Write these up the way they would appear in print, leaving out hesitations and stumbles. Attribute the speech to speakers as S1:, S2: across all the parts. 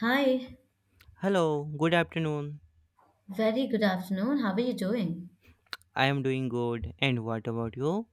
S1: Hi,
S2: Hello, good afternoon.
S1: very good afternoon. How are you doing?
S2: I am doing good. And what about you?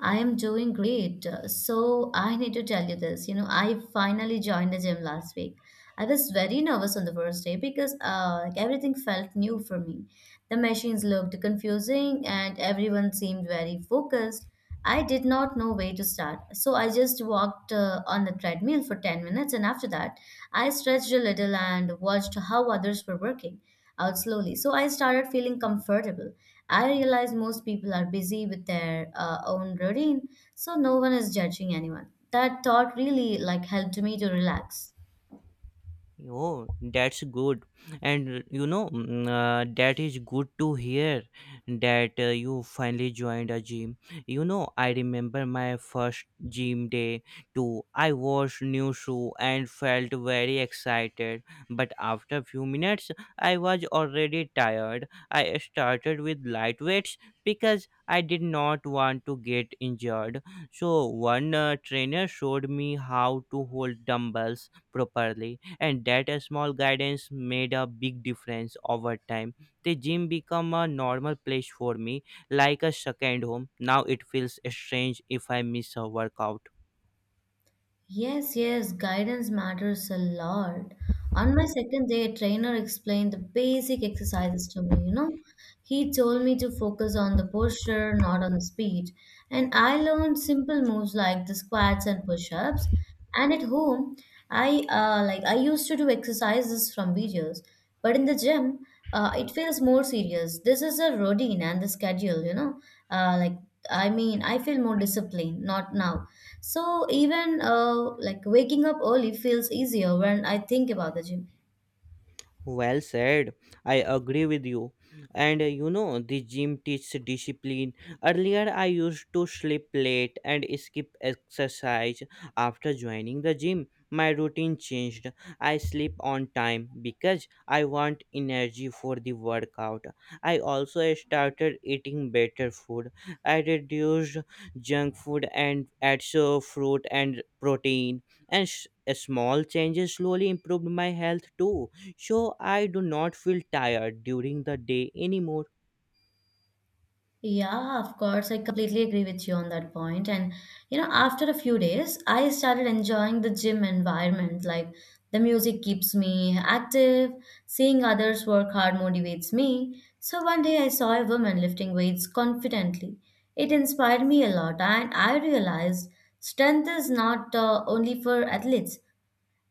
S1: I am doing great. So, I need to tell you this. You know, I finally joined the gym last week. I was very nervous on the first day because like everything felt new for me. The machines looked confusing and everyone seemed very focused. I did not know where to start. So, I just walked on the treadmill for 10 minutes and after that, I stretched a little and watched how others were working out slowly. So I started feeling comfortable. I realized most people are busy with their own routine, so no one is judging anyone. That thought really like helped me to relax.
S2: Oh, that's good. And you know, that is good to hear that you finally joined a gym. You know, I remember my first gym day too. I wore new shoe and felt very excited, but after few minutes, I was already tired. I started with light weights because I did not want to get injured. So, one trainer showed me how to hold dumbbells properly, and that a small guidance made a big difference over time. The gym become a normal place for me, like a second home. Now it feels strange if I miss a workout.
S1: Yes, yes, guidance matters a lot. On my second day, a trainer explained the basic exercises to me, you know. He told me to focus on the posture, not on the speed. And I learned simple moves like the squats and push ups. And at home, I used to do exercises from videos, but in the gym, it feels more serious. This is a routine and the schedule, you know. Uh, like I mean, I feel more disciplined, not now. So even like waking up early feels easier when I think about the gym.
S2: Well said. I agree with you. And you know, the gym teaches discipline. Earlier, I used to sleep late and skip exercise. After joining the gym, my routine changed. I sleep on time because I want energy for the workout. I also started eating better food. I reduced junk food and added so fruit and protein. And s small changes slowly improved my health too, so I do not feel tired during the day anymore.
S1: Yeah, of course. I completely agree with you on that point. And, you know, after a few days, I started enjoying the gym environment. Like, the music keeps me active, seeing others work hard motivates me. So, one day I saw a woman lifting weights confidently. It inspired me a lot, and I realized strength is not only for athletes,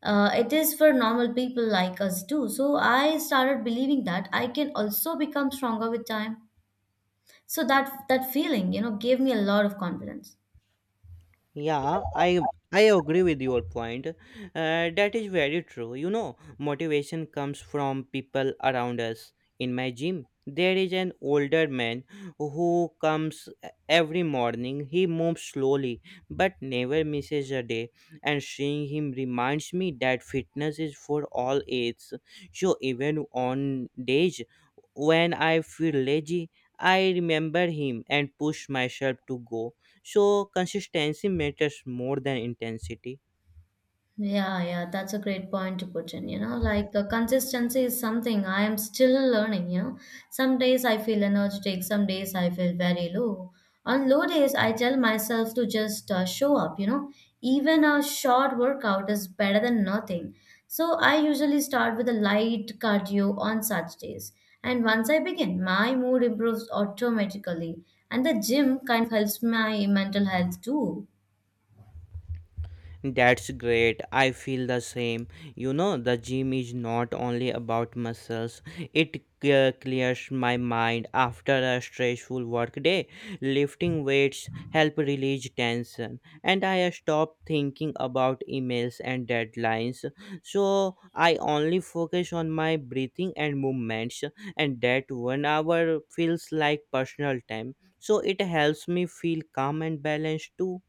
S1: it is for normal people like us too. So, I started believing that I can also become stronger with time, so that feeling, you know, gave me a lot of confidence.
S2: Yeah, I agree with your point. That is very true. You know, motivation comes from people around us. In my gym, there is an older man who comes every morning. He moves slowly but never misses a day. And seeing him reminds me that fitness is for all ages. So even on days when I feel lazy, I remember him and push myself to go, so consistency matters more than intensity.
S1: Yeah, yeah, that's a great point to put in. You know, like consistency is something I am still learning. You know, some days I feel energetic, some days I feel very low. On low days, I tell myself to just show up. You know, even a short workout is better than nothing. So I usually start with a light cardio on such days. And once I begin, my mood improves automatically. And the gym kind of helps my mental health too.
S2: That's great. I feel the same. You know, the gym is not only about muscles, it clears my mind after a stressful workday. Lifting weights help release tension, and I stop thinking about emails and deadlines. So I only focus on my breathing and movements, and that 1 hour feels like personal time. So it helps me feel calm and balanced too.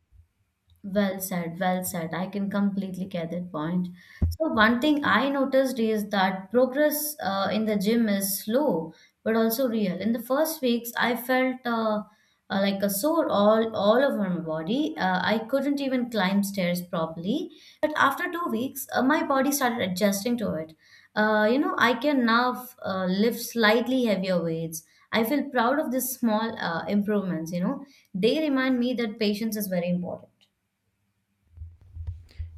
S1: Well said, well said. I can completely get that point. So, one thing I noticed is that progress in the gym is slow but also real. In the first weeks, I felt like a sore all over my body. I couldn't even climb stairs properly. But after 2 weeks, my body started adjusting to it. You know, I can now lift slightly heavier weights. I feel proud of these small improvements, you know. They remind me that patience is very important.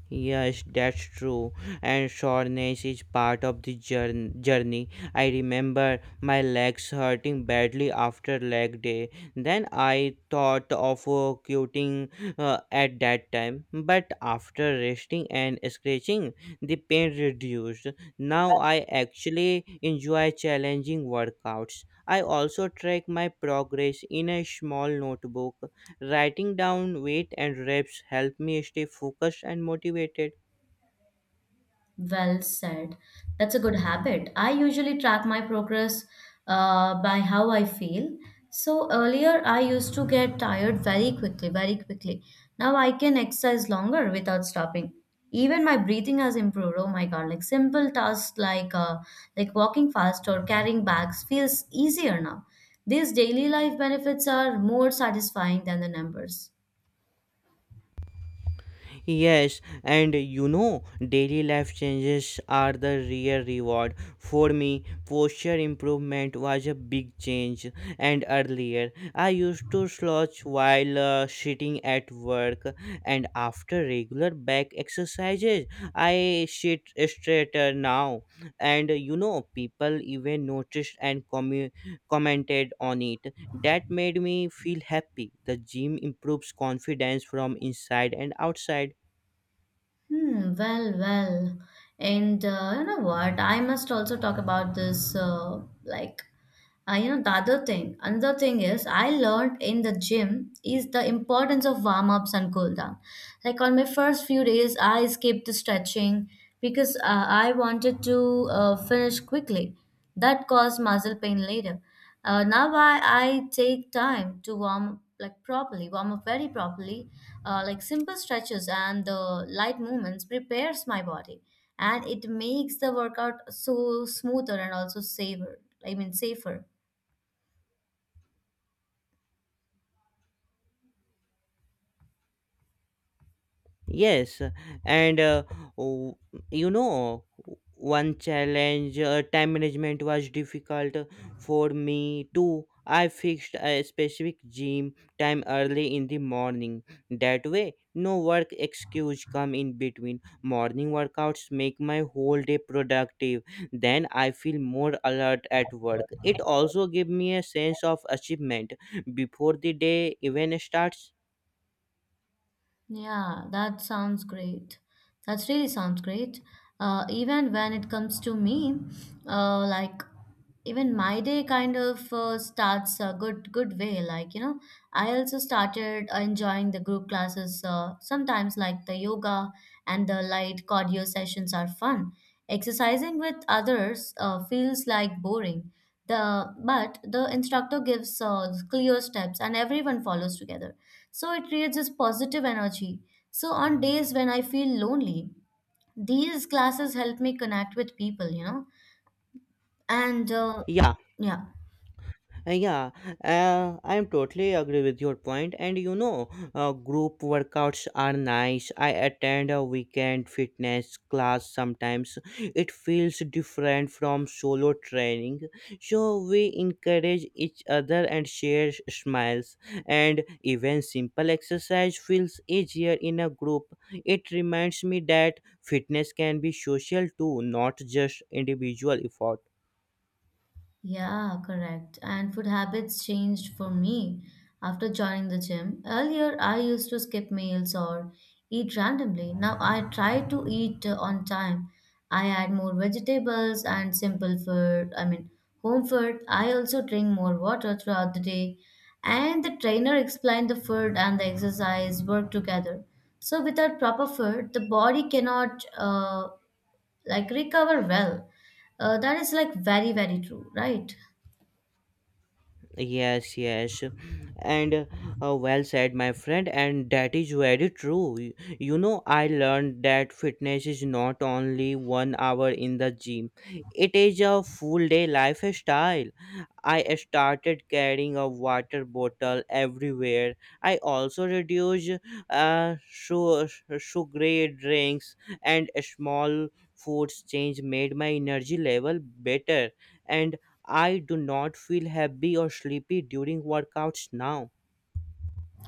S2: Yes, that's true. And soreness is part of the journey. I remember my legs hurting badly after leg day. Then I thought of quitting at that time. But after resting and stretching, the pain reduced. Now I actually enjoy challenging workouts. I also track my progress in a small notebook. Writing down weight and reps help me stay focused and motivated.
S1: Well said. That's a good habit. I usually track my progress by how I feel. So earlier, I used to get tired very quickly. Now I can exercise longer without stopping. Even my breathing has improved. Oh my God! Like simple tasks like walking fast or carrying bags feels easier now. These daily life benefits are more satisfying than the numbers.
S2: Yes, and you know, daily life changes are the real reward. For me, posture improvement was a big change, and earlier I used to slouch while sitting at work, and after regular back exercises, I sit straighter now. And you know, people even noticed and commented on it. That made me feel happy. The gym improves confidence from inside and outside.
S1: Hmm, well, well. And you know what? I must also talk about this you know, another thing is I learned in the gym is the importance of warm ups and cool down. Like on my first few days, I skipped the stretching because I wanted to finish quickly. That caused muscle pain later. Now I take time to warm up like properly, warm up very properly. Like simple stretches and the light movements prepares my body and it makes the workout so smoother and also safer. I mean safer.
S2: Yes, and w- you know, one challenge, time management was difficult for me too. I fixed a specific gym time early in the morning. That way, no work excuse come in between. Morning workouts make my whole day productive. Then I feel more alert at work. It also give me a sense of achievement before the day even starts.
S1: Yeah, that sounds great. That really sounds great. Even when it comes to me, uh, like even my day kind of starts a good way. Like, you know, I also started enjoying the group classes. Sometimes like the yoga and the light cardio sessions are fun. Exercising with others feels like boring. The but the instructor gives clear steps and everyone follows together, so it creates this positive energy. So on days when I feel lonely, these classes help me connect with people, you know. And
S2: Yeah,
S1: yeah,
S2: Yeah, I'm totally agree with your point. And you know, group workouts are nice. I attend a weekend fitness class sometimes. It feels different from solo training. So we encourage each other and share smiles. And even simple exercise feels easier in a group. It reminds me that fitness can be social too, not just individual effort.
S1: Yeah. Correct. And food habits changed for me after joining the gym. Earlier, I used to skip meals or eat randomly. Now I try to eat on time. I add more vegetables and simple food, I mean, home food. I also drink more water throughout the day. And the trainer explained the food and the exercise work together. So without proper food, the body cannot like recover well. That is like very, very true, right?
S2: Yes, yes, and well said, my friend, and that is very true. You know, I learned that fitness is not only 1 hour in the gym, it is a full day lifestyle. I started carrying a water bottle everywhere. I also reduce uh, su- sugary drinks, and small foods change made my energy level better, and I do not feel happy or sleepy during workouts now.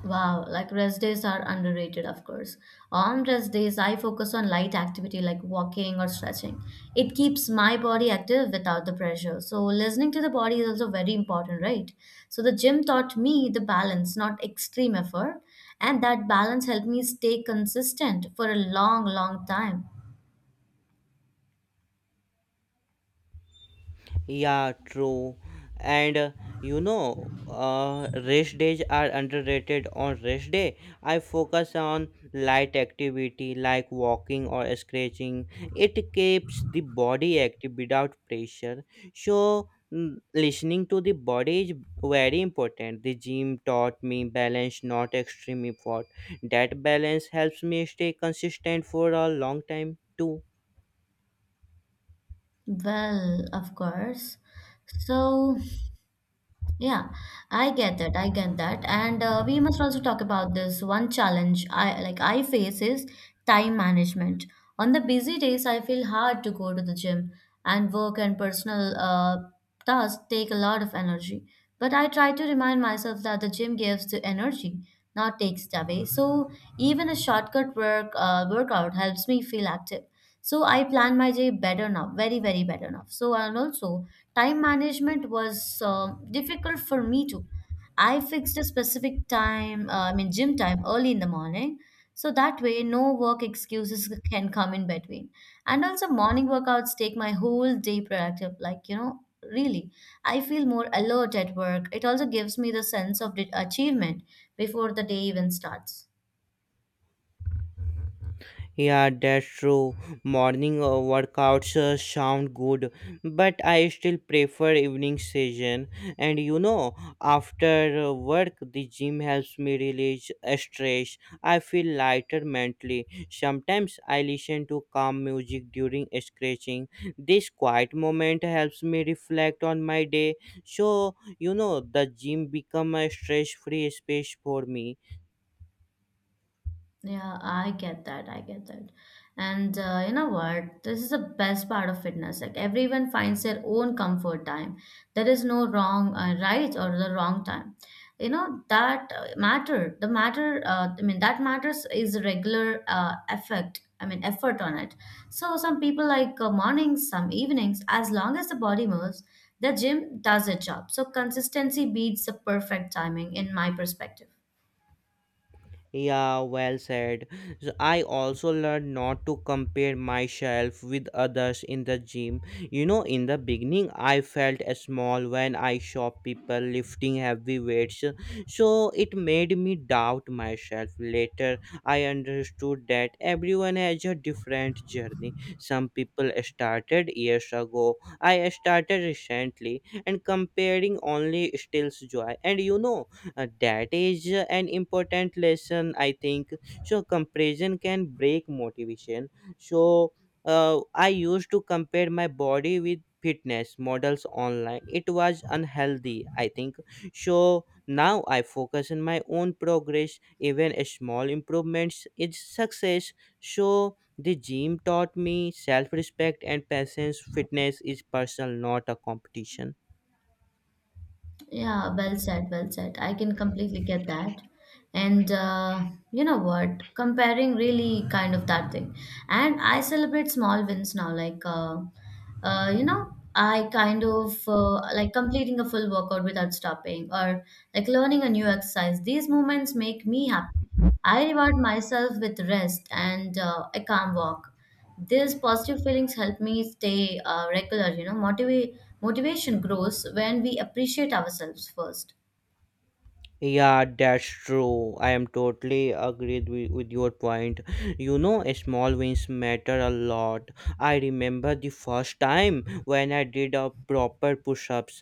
S1: Wow, like rest days are underrated, of course. On rest days, I focus on light activity like walking or stretching. It keeps my body active without the pressure. So, listening to the body is also very important, right? So, the gym taught me the balance, not extreme effort. And that balance helped me stay consistent for a long, long time.
S2: Yeah, true. And you know, rest days are underrated. On rest day, I focus on light activity like walking or stretching. It keeps the body active without pressure. So, listening to the body is very important. The gym taught me balance, not extreme effort. That balance helps me stay consistent for a long time too.
S1: Well, of course. So, yeah, I get that. I get that. And we must also talk about this one challenge I face is time management. On the busy days, I feel hard to go to the gym, and work and personal tasks take a lot of energy. But I try to remind myself that the gym gives the energy, not takes it away. So even a shortcut workout helps me feel active. So I plan my day better now, very, very better now. So and also time management was difficult for me too. I fixed a specific time, I mean, gym time early in the morning. So that way, no work excuses can come in between. And also, morning workouts take my whole day productive. Like, you know, really, I feel more alert at work. It also gives me the sense of the achievement before the day even starts.
S2: Yeah, that's true. Morning workouts sound good, but I still prefer evening session. And you know, after work, the gym helps me release stress. I feel lighter mentally. Sometimes I listen to calm music during stretching. This quiet moment helps me reflect on my day. So you know, the gym become a stress-free space for me.
S1: Yeah, I get that. I get that. And you know what? This is the best part of fitness. Like everyone finds their own comfort time. There is no wrong right or the wrong time. You know that matter. The matter. I mean, that matters is regular effort on it. So some people like mornings, some evenings. As long as the body moves, the gym does its job. So consistency beats the perfect timing, in my perspective.
S2: Yeah, well said. So I also learned not to compare myself with others in the gym. You know, in the beginning, I felt small when I saw people lifting heavy weights. So it made me doubt myself. Later, I understood that everyone has a different journey. Some people started years ago. I started recently, and comparing only steals joy. And you know, that is an important lesson, I think. So, comparison can break motivation. So, I used to compare my body with fitness models online. It was unhealthy, I think. So now I focus on my own progress. Even a small improvements is success. So the gym taught me self-respect and patience. Fitness is personal, not a competition.
S1: Yeah, well said, well said. I can completely get that. And you know what? Comparing really kind of that thing. And I celebrate small wins now, like, you know, I kind of like completing a full workout without stopping or like learning a new exercise. These moments make me happy. I reward myself with rest and a calm walk. These positive feelings help me stay regular. You know, motivate motivation grows when we appreciate ourselves first.
S2: Yeah, that's true. I am totally agreed with your point. You know, small wins matter a lot. I remember the first time when I did a proper push ups.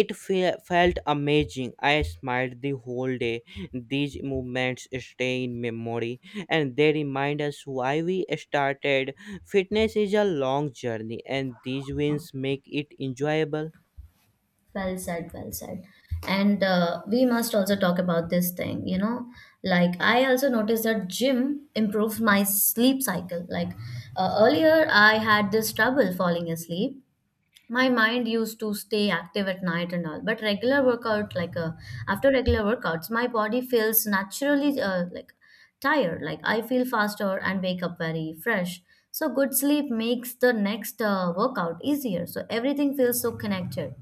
S2: It felt amazing. I smiled the whole day. These movements stay in memory, and they remind us why we started. Fitness is a long journey, and these wins make it enjoyable.
S1: Well said, well said. And we must also talk about this thing, you know. Like, I also noticed that gym improves my sleep cycle. Like, earlier I had this trouble falling asleep, my mind used to stay active at night and all, but regular workout, like after regular workouts, my body feels naturally like tired, like I feel faster and wake up very fresh. So good sleep makes the next workout easier, so everything feels so connected.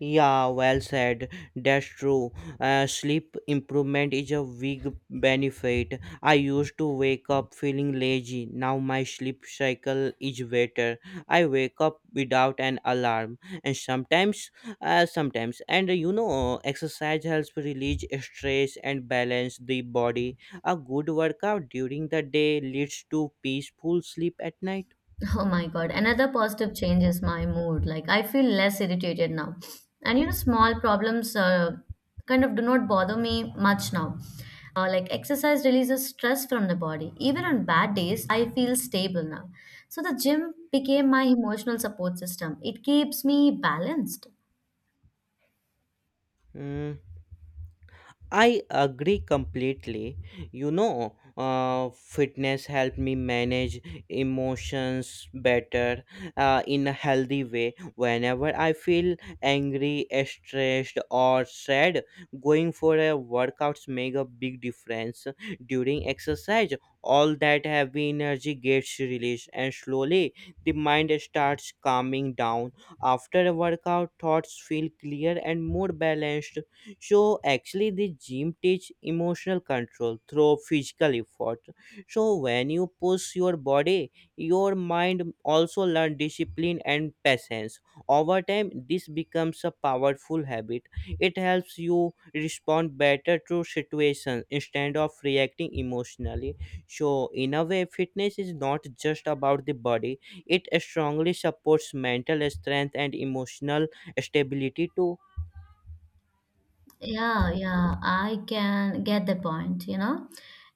S2: Yeah, well said. That's true. Sleep improvement is a big benefit. I used to wake up feeling lazy. Now my sleep cycle is better. I wake up without an alarm, and sometimes, and you know, exercise helps release stress and balance the body. A good workout during the day leads to peaceful sleep at night.
S1: Oh my God. Another positive change is my mood. Like, I feel less irritated now. And you know, small problems kind of do not bother me much now. Like, exercise releases stress from the body. Even on bad days, I feel stable now. So, the gym became my emotional support system. It keeps me balanced.
S2: Hmm. I agree completely. You know, fitness helped me manage emotions better in a healthy way. Whenever I feel angry, stressed, or sad, going for a workouts make a big difference. During exercise, all that heavy energy gets released, and slowly the mind starts calming down. After a workout, thoughts feel clear and more balanced. So actually, the gym teach emotional control through physical effort. So when you push your body, your mind also learn discipline and patience. Over time, this becomes a powerful habit. It helps you respond better to situations instead of reacting emotionally. So in a way, fitness is not just about the body, it strongly supports mental strength and emotional stability too.
S1: Yeah, yeah, I can get the point, you know.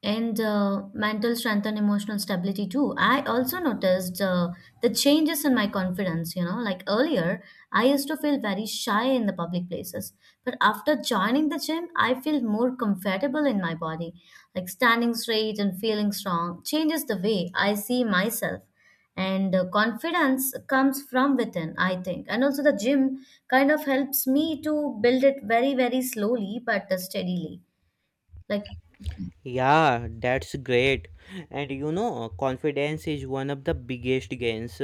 S1: And mental strength and emotional stability too. I also noticed the changes in my confidence, you know. Like earlier, I used to feel very shy in the public places, but after joining the gym, I feel more comfortable in my body. Like standing straight and feeling strong changes the way I see myself. And confidence comes from within, I think, and also the gym kind of helps me to build it very, very slowly but steadily, like,
S2: Yeah, that's great. And you know, confidence is one of the biggest gains.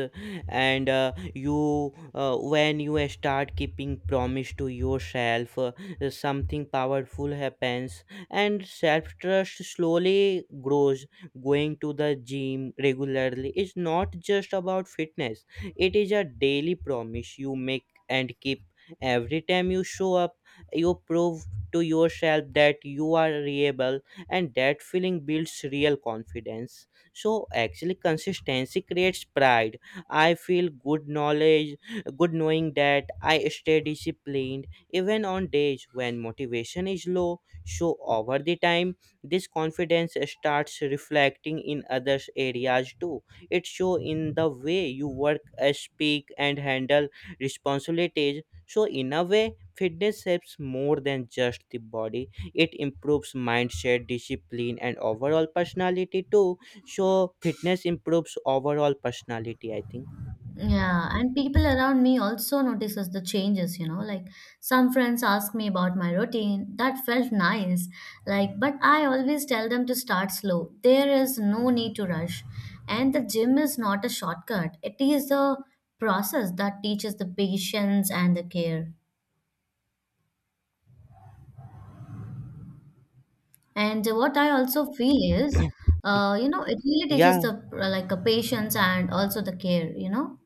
S2: And when you start keeping promise to yourself, something powerful happens, and self trust slowly grows. Going to the gym regularly is not just about fitness, it is a daily promise you make and keep. Every time you show up, you prove to yourself that you are reliable, and that feeling builds real confidence. So actually, consistency creates pride. I feel good knowing that I stay disciplined even on days when motivation is low. So over the time, this confidence starts reflecting in other areas too. It show in the way you work, speak and handle responsibilities. So in a way, fitness helps more than just the body. It improves mindset, discipline, and overall personality too. So fitness improves overall personality, I think.
S1: yeah, and people around me also notices the changes, you know, like some friends ask me about my routine. That felt nice. Like, but I always tell them to start slow. There is no need to rush. And the gym is not a shortcut. It is the process that teaches the patience and the care. And what I also feel is, it really teaches
S2: Yeah,
S1: the a patience and also the care.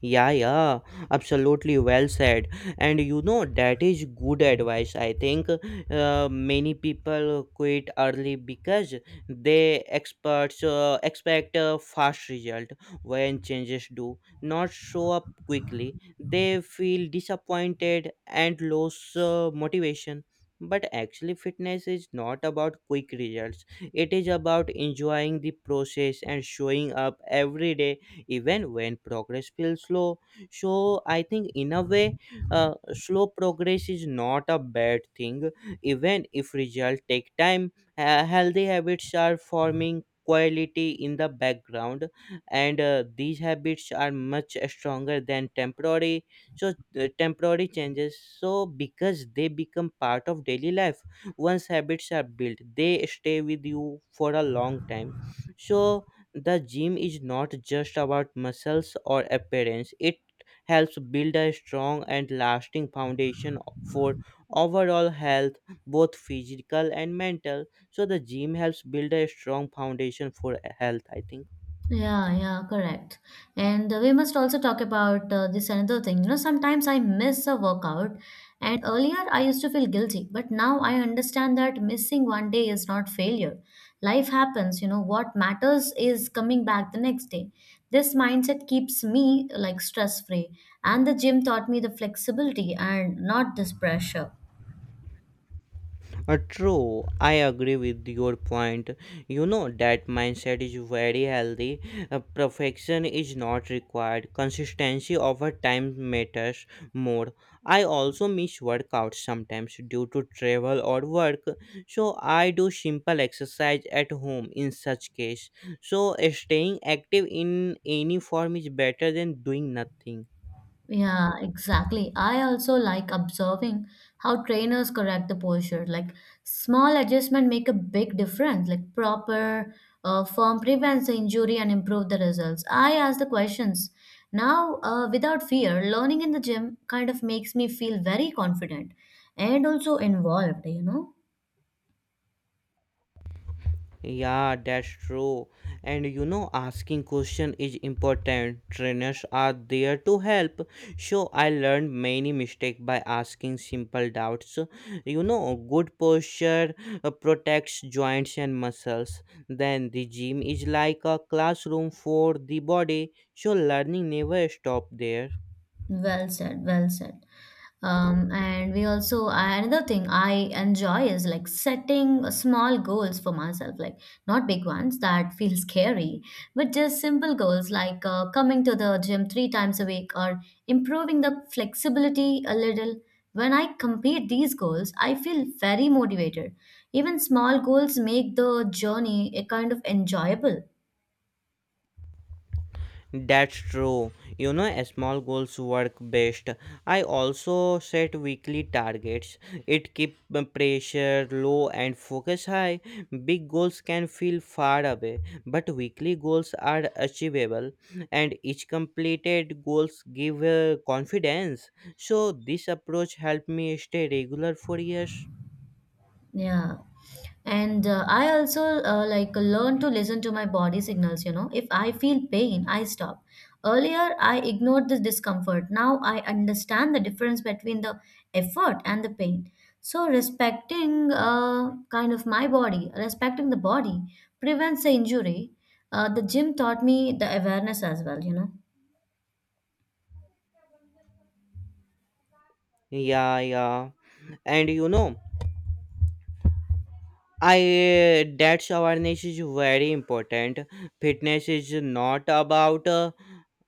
S2: yeah, yeah, absolutely well said. And you know, that is good advice. I think many people quit early because they experts expect a fast result when changes do not show up quickly. They feel disappointed and lose motivation. But actually, fitness is not about quick results. It is about enjoying the process and showing up every day even when progress feels slow. So I think, in a way, slow progress is not a bad thing even if results take time. Healthy habits are forming quality in the background, and these habits are much stronger than so temporary changes, so because they become part of daily life. Once habits are built, they stay with you for a long time. So the gym is not just about muscles or appearance, it helps build a strong and lasting foundation for overall health, both physical and mental. So, the gym helps build a strong foundation for health, I think.
S1: Yeah, yeah, correct. And we must also talk about this another thing. You know, sometimes I miss a workout, and earlier I used to feel guilty, but now I understand that missing one day is not failure. Life happens, you know, what matters is coming back the next day. This mindset keeps me like stress free, and the gym taught me the flexibility and not this pressure.
S2: True, I agree with your point. You know that mindset is very healthy. Perfection is not required. Consistency over time matters more. I also miss workouts sometimes due to travel or work, so I do simple exercise at home in such case. So staying active in any form is better than doing nothing.
S1: Yeah, exactly. I also like observing how trainers correct the posture. Like small adjustment make a big difference. Like proper form prevents the injury and improve the results. I ask the questions now without fear. Learning in the gym kind of makes me feel very confident and also involved. You know,
S2: Yeah, that's true. And you know, asking question is important. Trainers are there to help. So I learned many mistake by asking simple doubts. You know, good posture protects joints and muscles. Then the gym is like a classroom for the body. So learning never stop there.
S1: well said. Well said. And we also another thing I enjoy is like setting small goals for myself, like not big ones that feel scary, but just simple goals like coming to the gym three times a week or improving the flexibility a little. When I complete these goals, I feel very motivated. Even small goals make the journey a kind of enjoyable.
S2: That's true. You know, a small goals work best. I also set weekly targets. It keep the pressure low and focus high. Big goals can feel far away, but weekly goals are achievable, and each completed goals give confidence. So this approach helped me stay regular for years.
S1: Yeah. And I also like learn to listen to my body signals, you know. If I feel pain, I stop. Earlier, I ignored this discomfort. Now I understand the difference between the effort and the pain. So respecting kind of my body, respecting the body prevents the injury. The gym taught me the awareness as well, you know.
S2: Yeah, yeah, and you know, I that's awareness is very important. Fitness is not about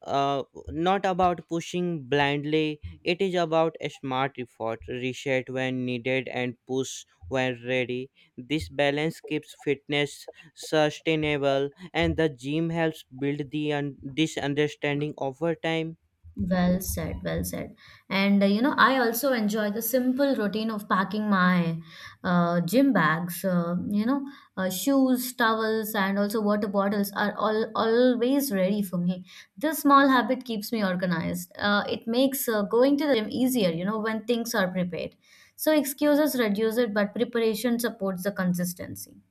S2: uh, not about pushing blindly. It is about a smart effort, reset when needed, and push when ready. This balance keeps fitness sustainable, and the gym helps build the this understanding over time.
S1: Well said, well said. And you know, I also enjoy the simple routine of packing my gym bags. Shoes, towels, and also water bottles are all always ready for me. This small habit keeps me organized. It makes going to the gym easier, you know, when things are prepared. So excuses reduce it, but preparation supports the consistency.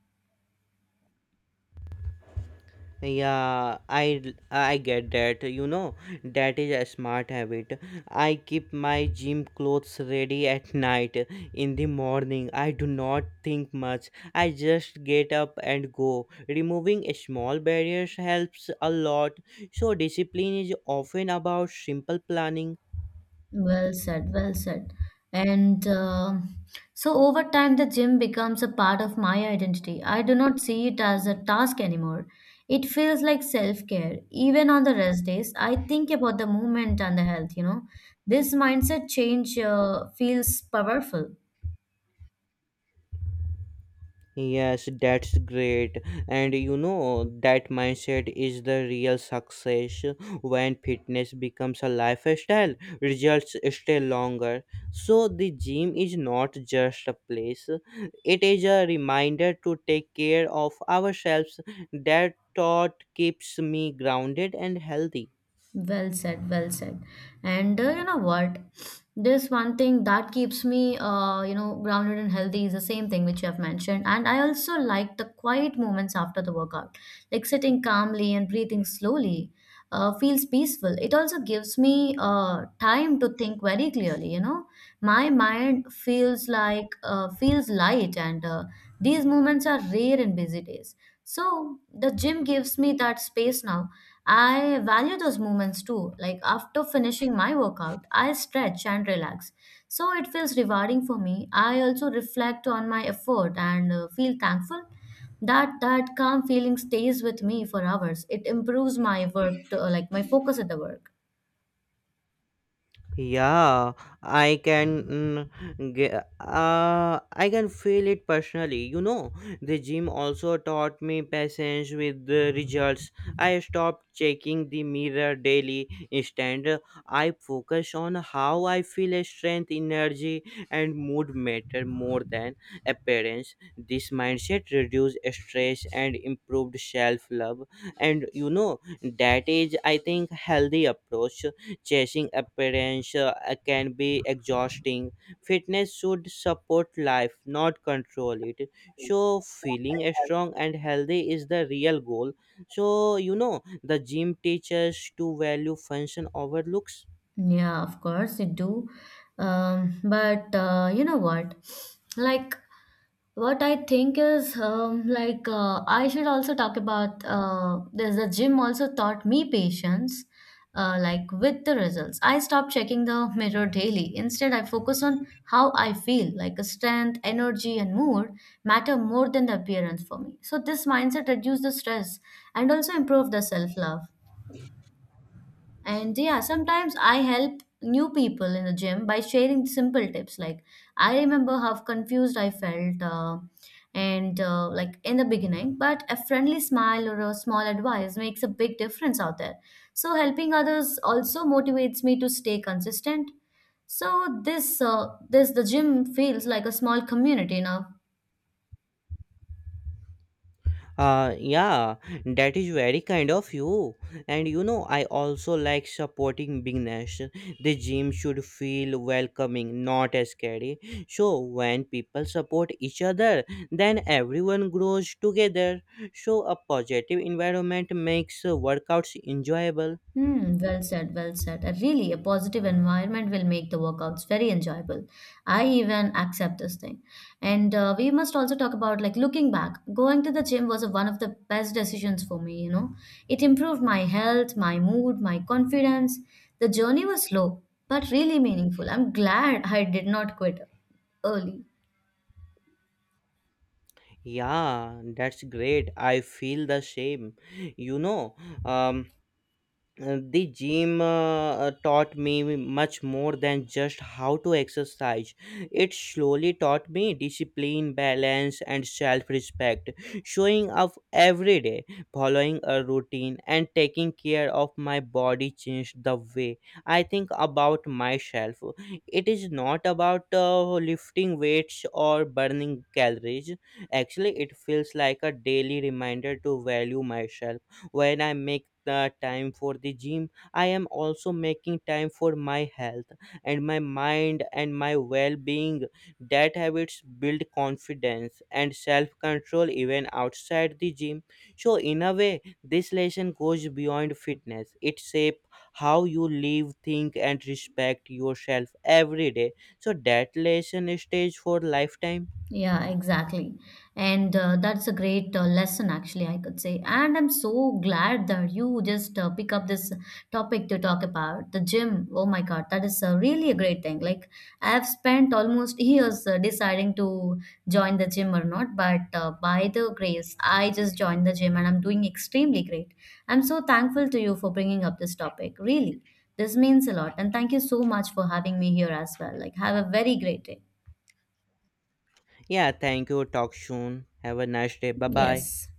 S2: Yeah, I get that. You know, that is a smart habit. I keep my gym clothes ready at night. In the morning, I do not think much. I just get up and go. Removing small barriers helps a lot. So discipline is often about simple planning.
S1: Well said, well said. And so over time, the gym becomes a part of my identity. I do not see it as a task anymore. It feels like self-care. Even on the rest days, I think about the movement and the health, you know. This mindset change feels powerful.
S2: Yes, that's great. And you know, that mindset is the real success. When fitness becomes a lifestyle, results stay longer. So, the gym is not just a place, it is a reminder to take care of ourselves. That thought keeps me grounded and healthy.
S1: Well said, well said. And you know what? This one thing that keeps me, grounded and healthy is the same thing which you have mentioned. And I also like the quiet moments after the workout, like sitting calmly and breathing slowly, feels peaceful. It also gives me time to think very clearly. You know, my mind feels like feels light, and these moments are rare in busy days. So the gym gives me that space now I value those moments too. Like after finishing my workout, I stretch and relax. So it feels rewarding for me. I also reflect on my effort and feel thankful. That calm feeling stays with me for hours. It improves my work, to, like my focus at the work.
S2: Yeah, I can get, I can feel it personally. You know, the gym also taught me patience with the results. I stopped checking the mirror daily. Instead, I focus on how I feel. Strength, energy, and mood matter more than appearance. This mindset reduced stress and improved self love. And you know, that is, I think, healthy approach. Chasing appearance can be exhausting. Fitness should support life, not control it. So, feeling strong and healthy is the real goal. So, you know, the gym teaches to value function over looks.
S1: Yeah, of course it do. But you know what? Like what I think is I should also talk about there's the gym also taught me patience. Like with the results, I stopped checking the mirror daily. Instead, I focus on how I feel, like a strength, energy, and mood matter more than the appearance for me. So this mindset reduced the stress and also improved the self love. And yeah, sometimes I help new people in the gym by sharing simple tips. Like, I remember how confused I felt, and like in the beginning, but a friendly smile or a small advice makes a big difference out there. So, helping others also motivates me to stay consistent. So, this the gym feels like a small community now.
S2: Yeah, that is very kind of you. And you know, I also like supporting big. The gym should feel welcoming, not scary. So when people support each other, then everyone grows together. So a positive environment makes workouts enjoyable.
S1: Hmm, well said, well said. Really, a positive environment will make the workouts very enjoyable. I even accept this thing. And we must also talk about like looking back, going to the gym was one of the best decisions for me, you know. It improved my health, my mood, my confidence. The journey was slow, but really meaningful. I'm glad I did not quit early.
S2: Yeah, that's great. I feel the same. You know, um the gym taught me much more than just how to exercise. It slowly taught me discipline, balance, and self respect. Showing up every day, following a routine, and taking care of my body changed the way I think about myself. It is not about lifting weights or burning calories. Actually, it feels like a daily reminder to value myself. When I make the time for the gym, I am also making time for my health and my mind and my well-being. That habits build confidence and self-control even outside the gym. So in a way, this lesson goes beyond fitness. It shapes how you live, think, and respect yourself every day. So that lesson stays for lifetime.
S1: Yeah, exactly. And that's a great lesson, actually, I could say. And I'm so glad that you just pick up this topic to talk about the gym. Oh my God, that is really a great thing. Like, I've spent almost years deciding to join the gym or not, but by the grace, I just joined the gym and I'm doing extremely great. I'm so thankful to you for bringing up this topic, really. This means a lot. And thank you so much for having me here as well. Like, have a very great day.
S2: Yeah, thank you. Talk soon. Have a nice day. Bye bye.
S1: Yes.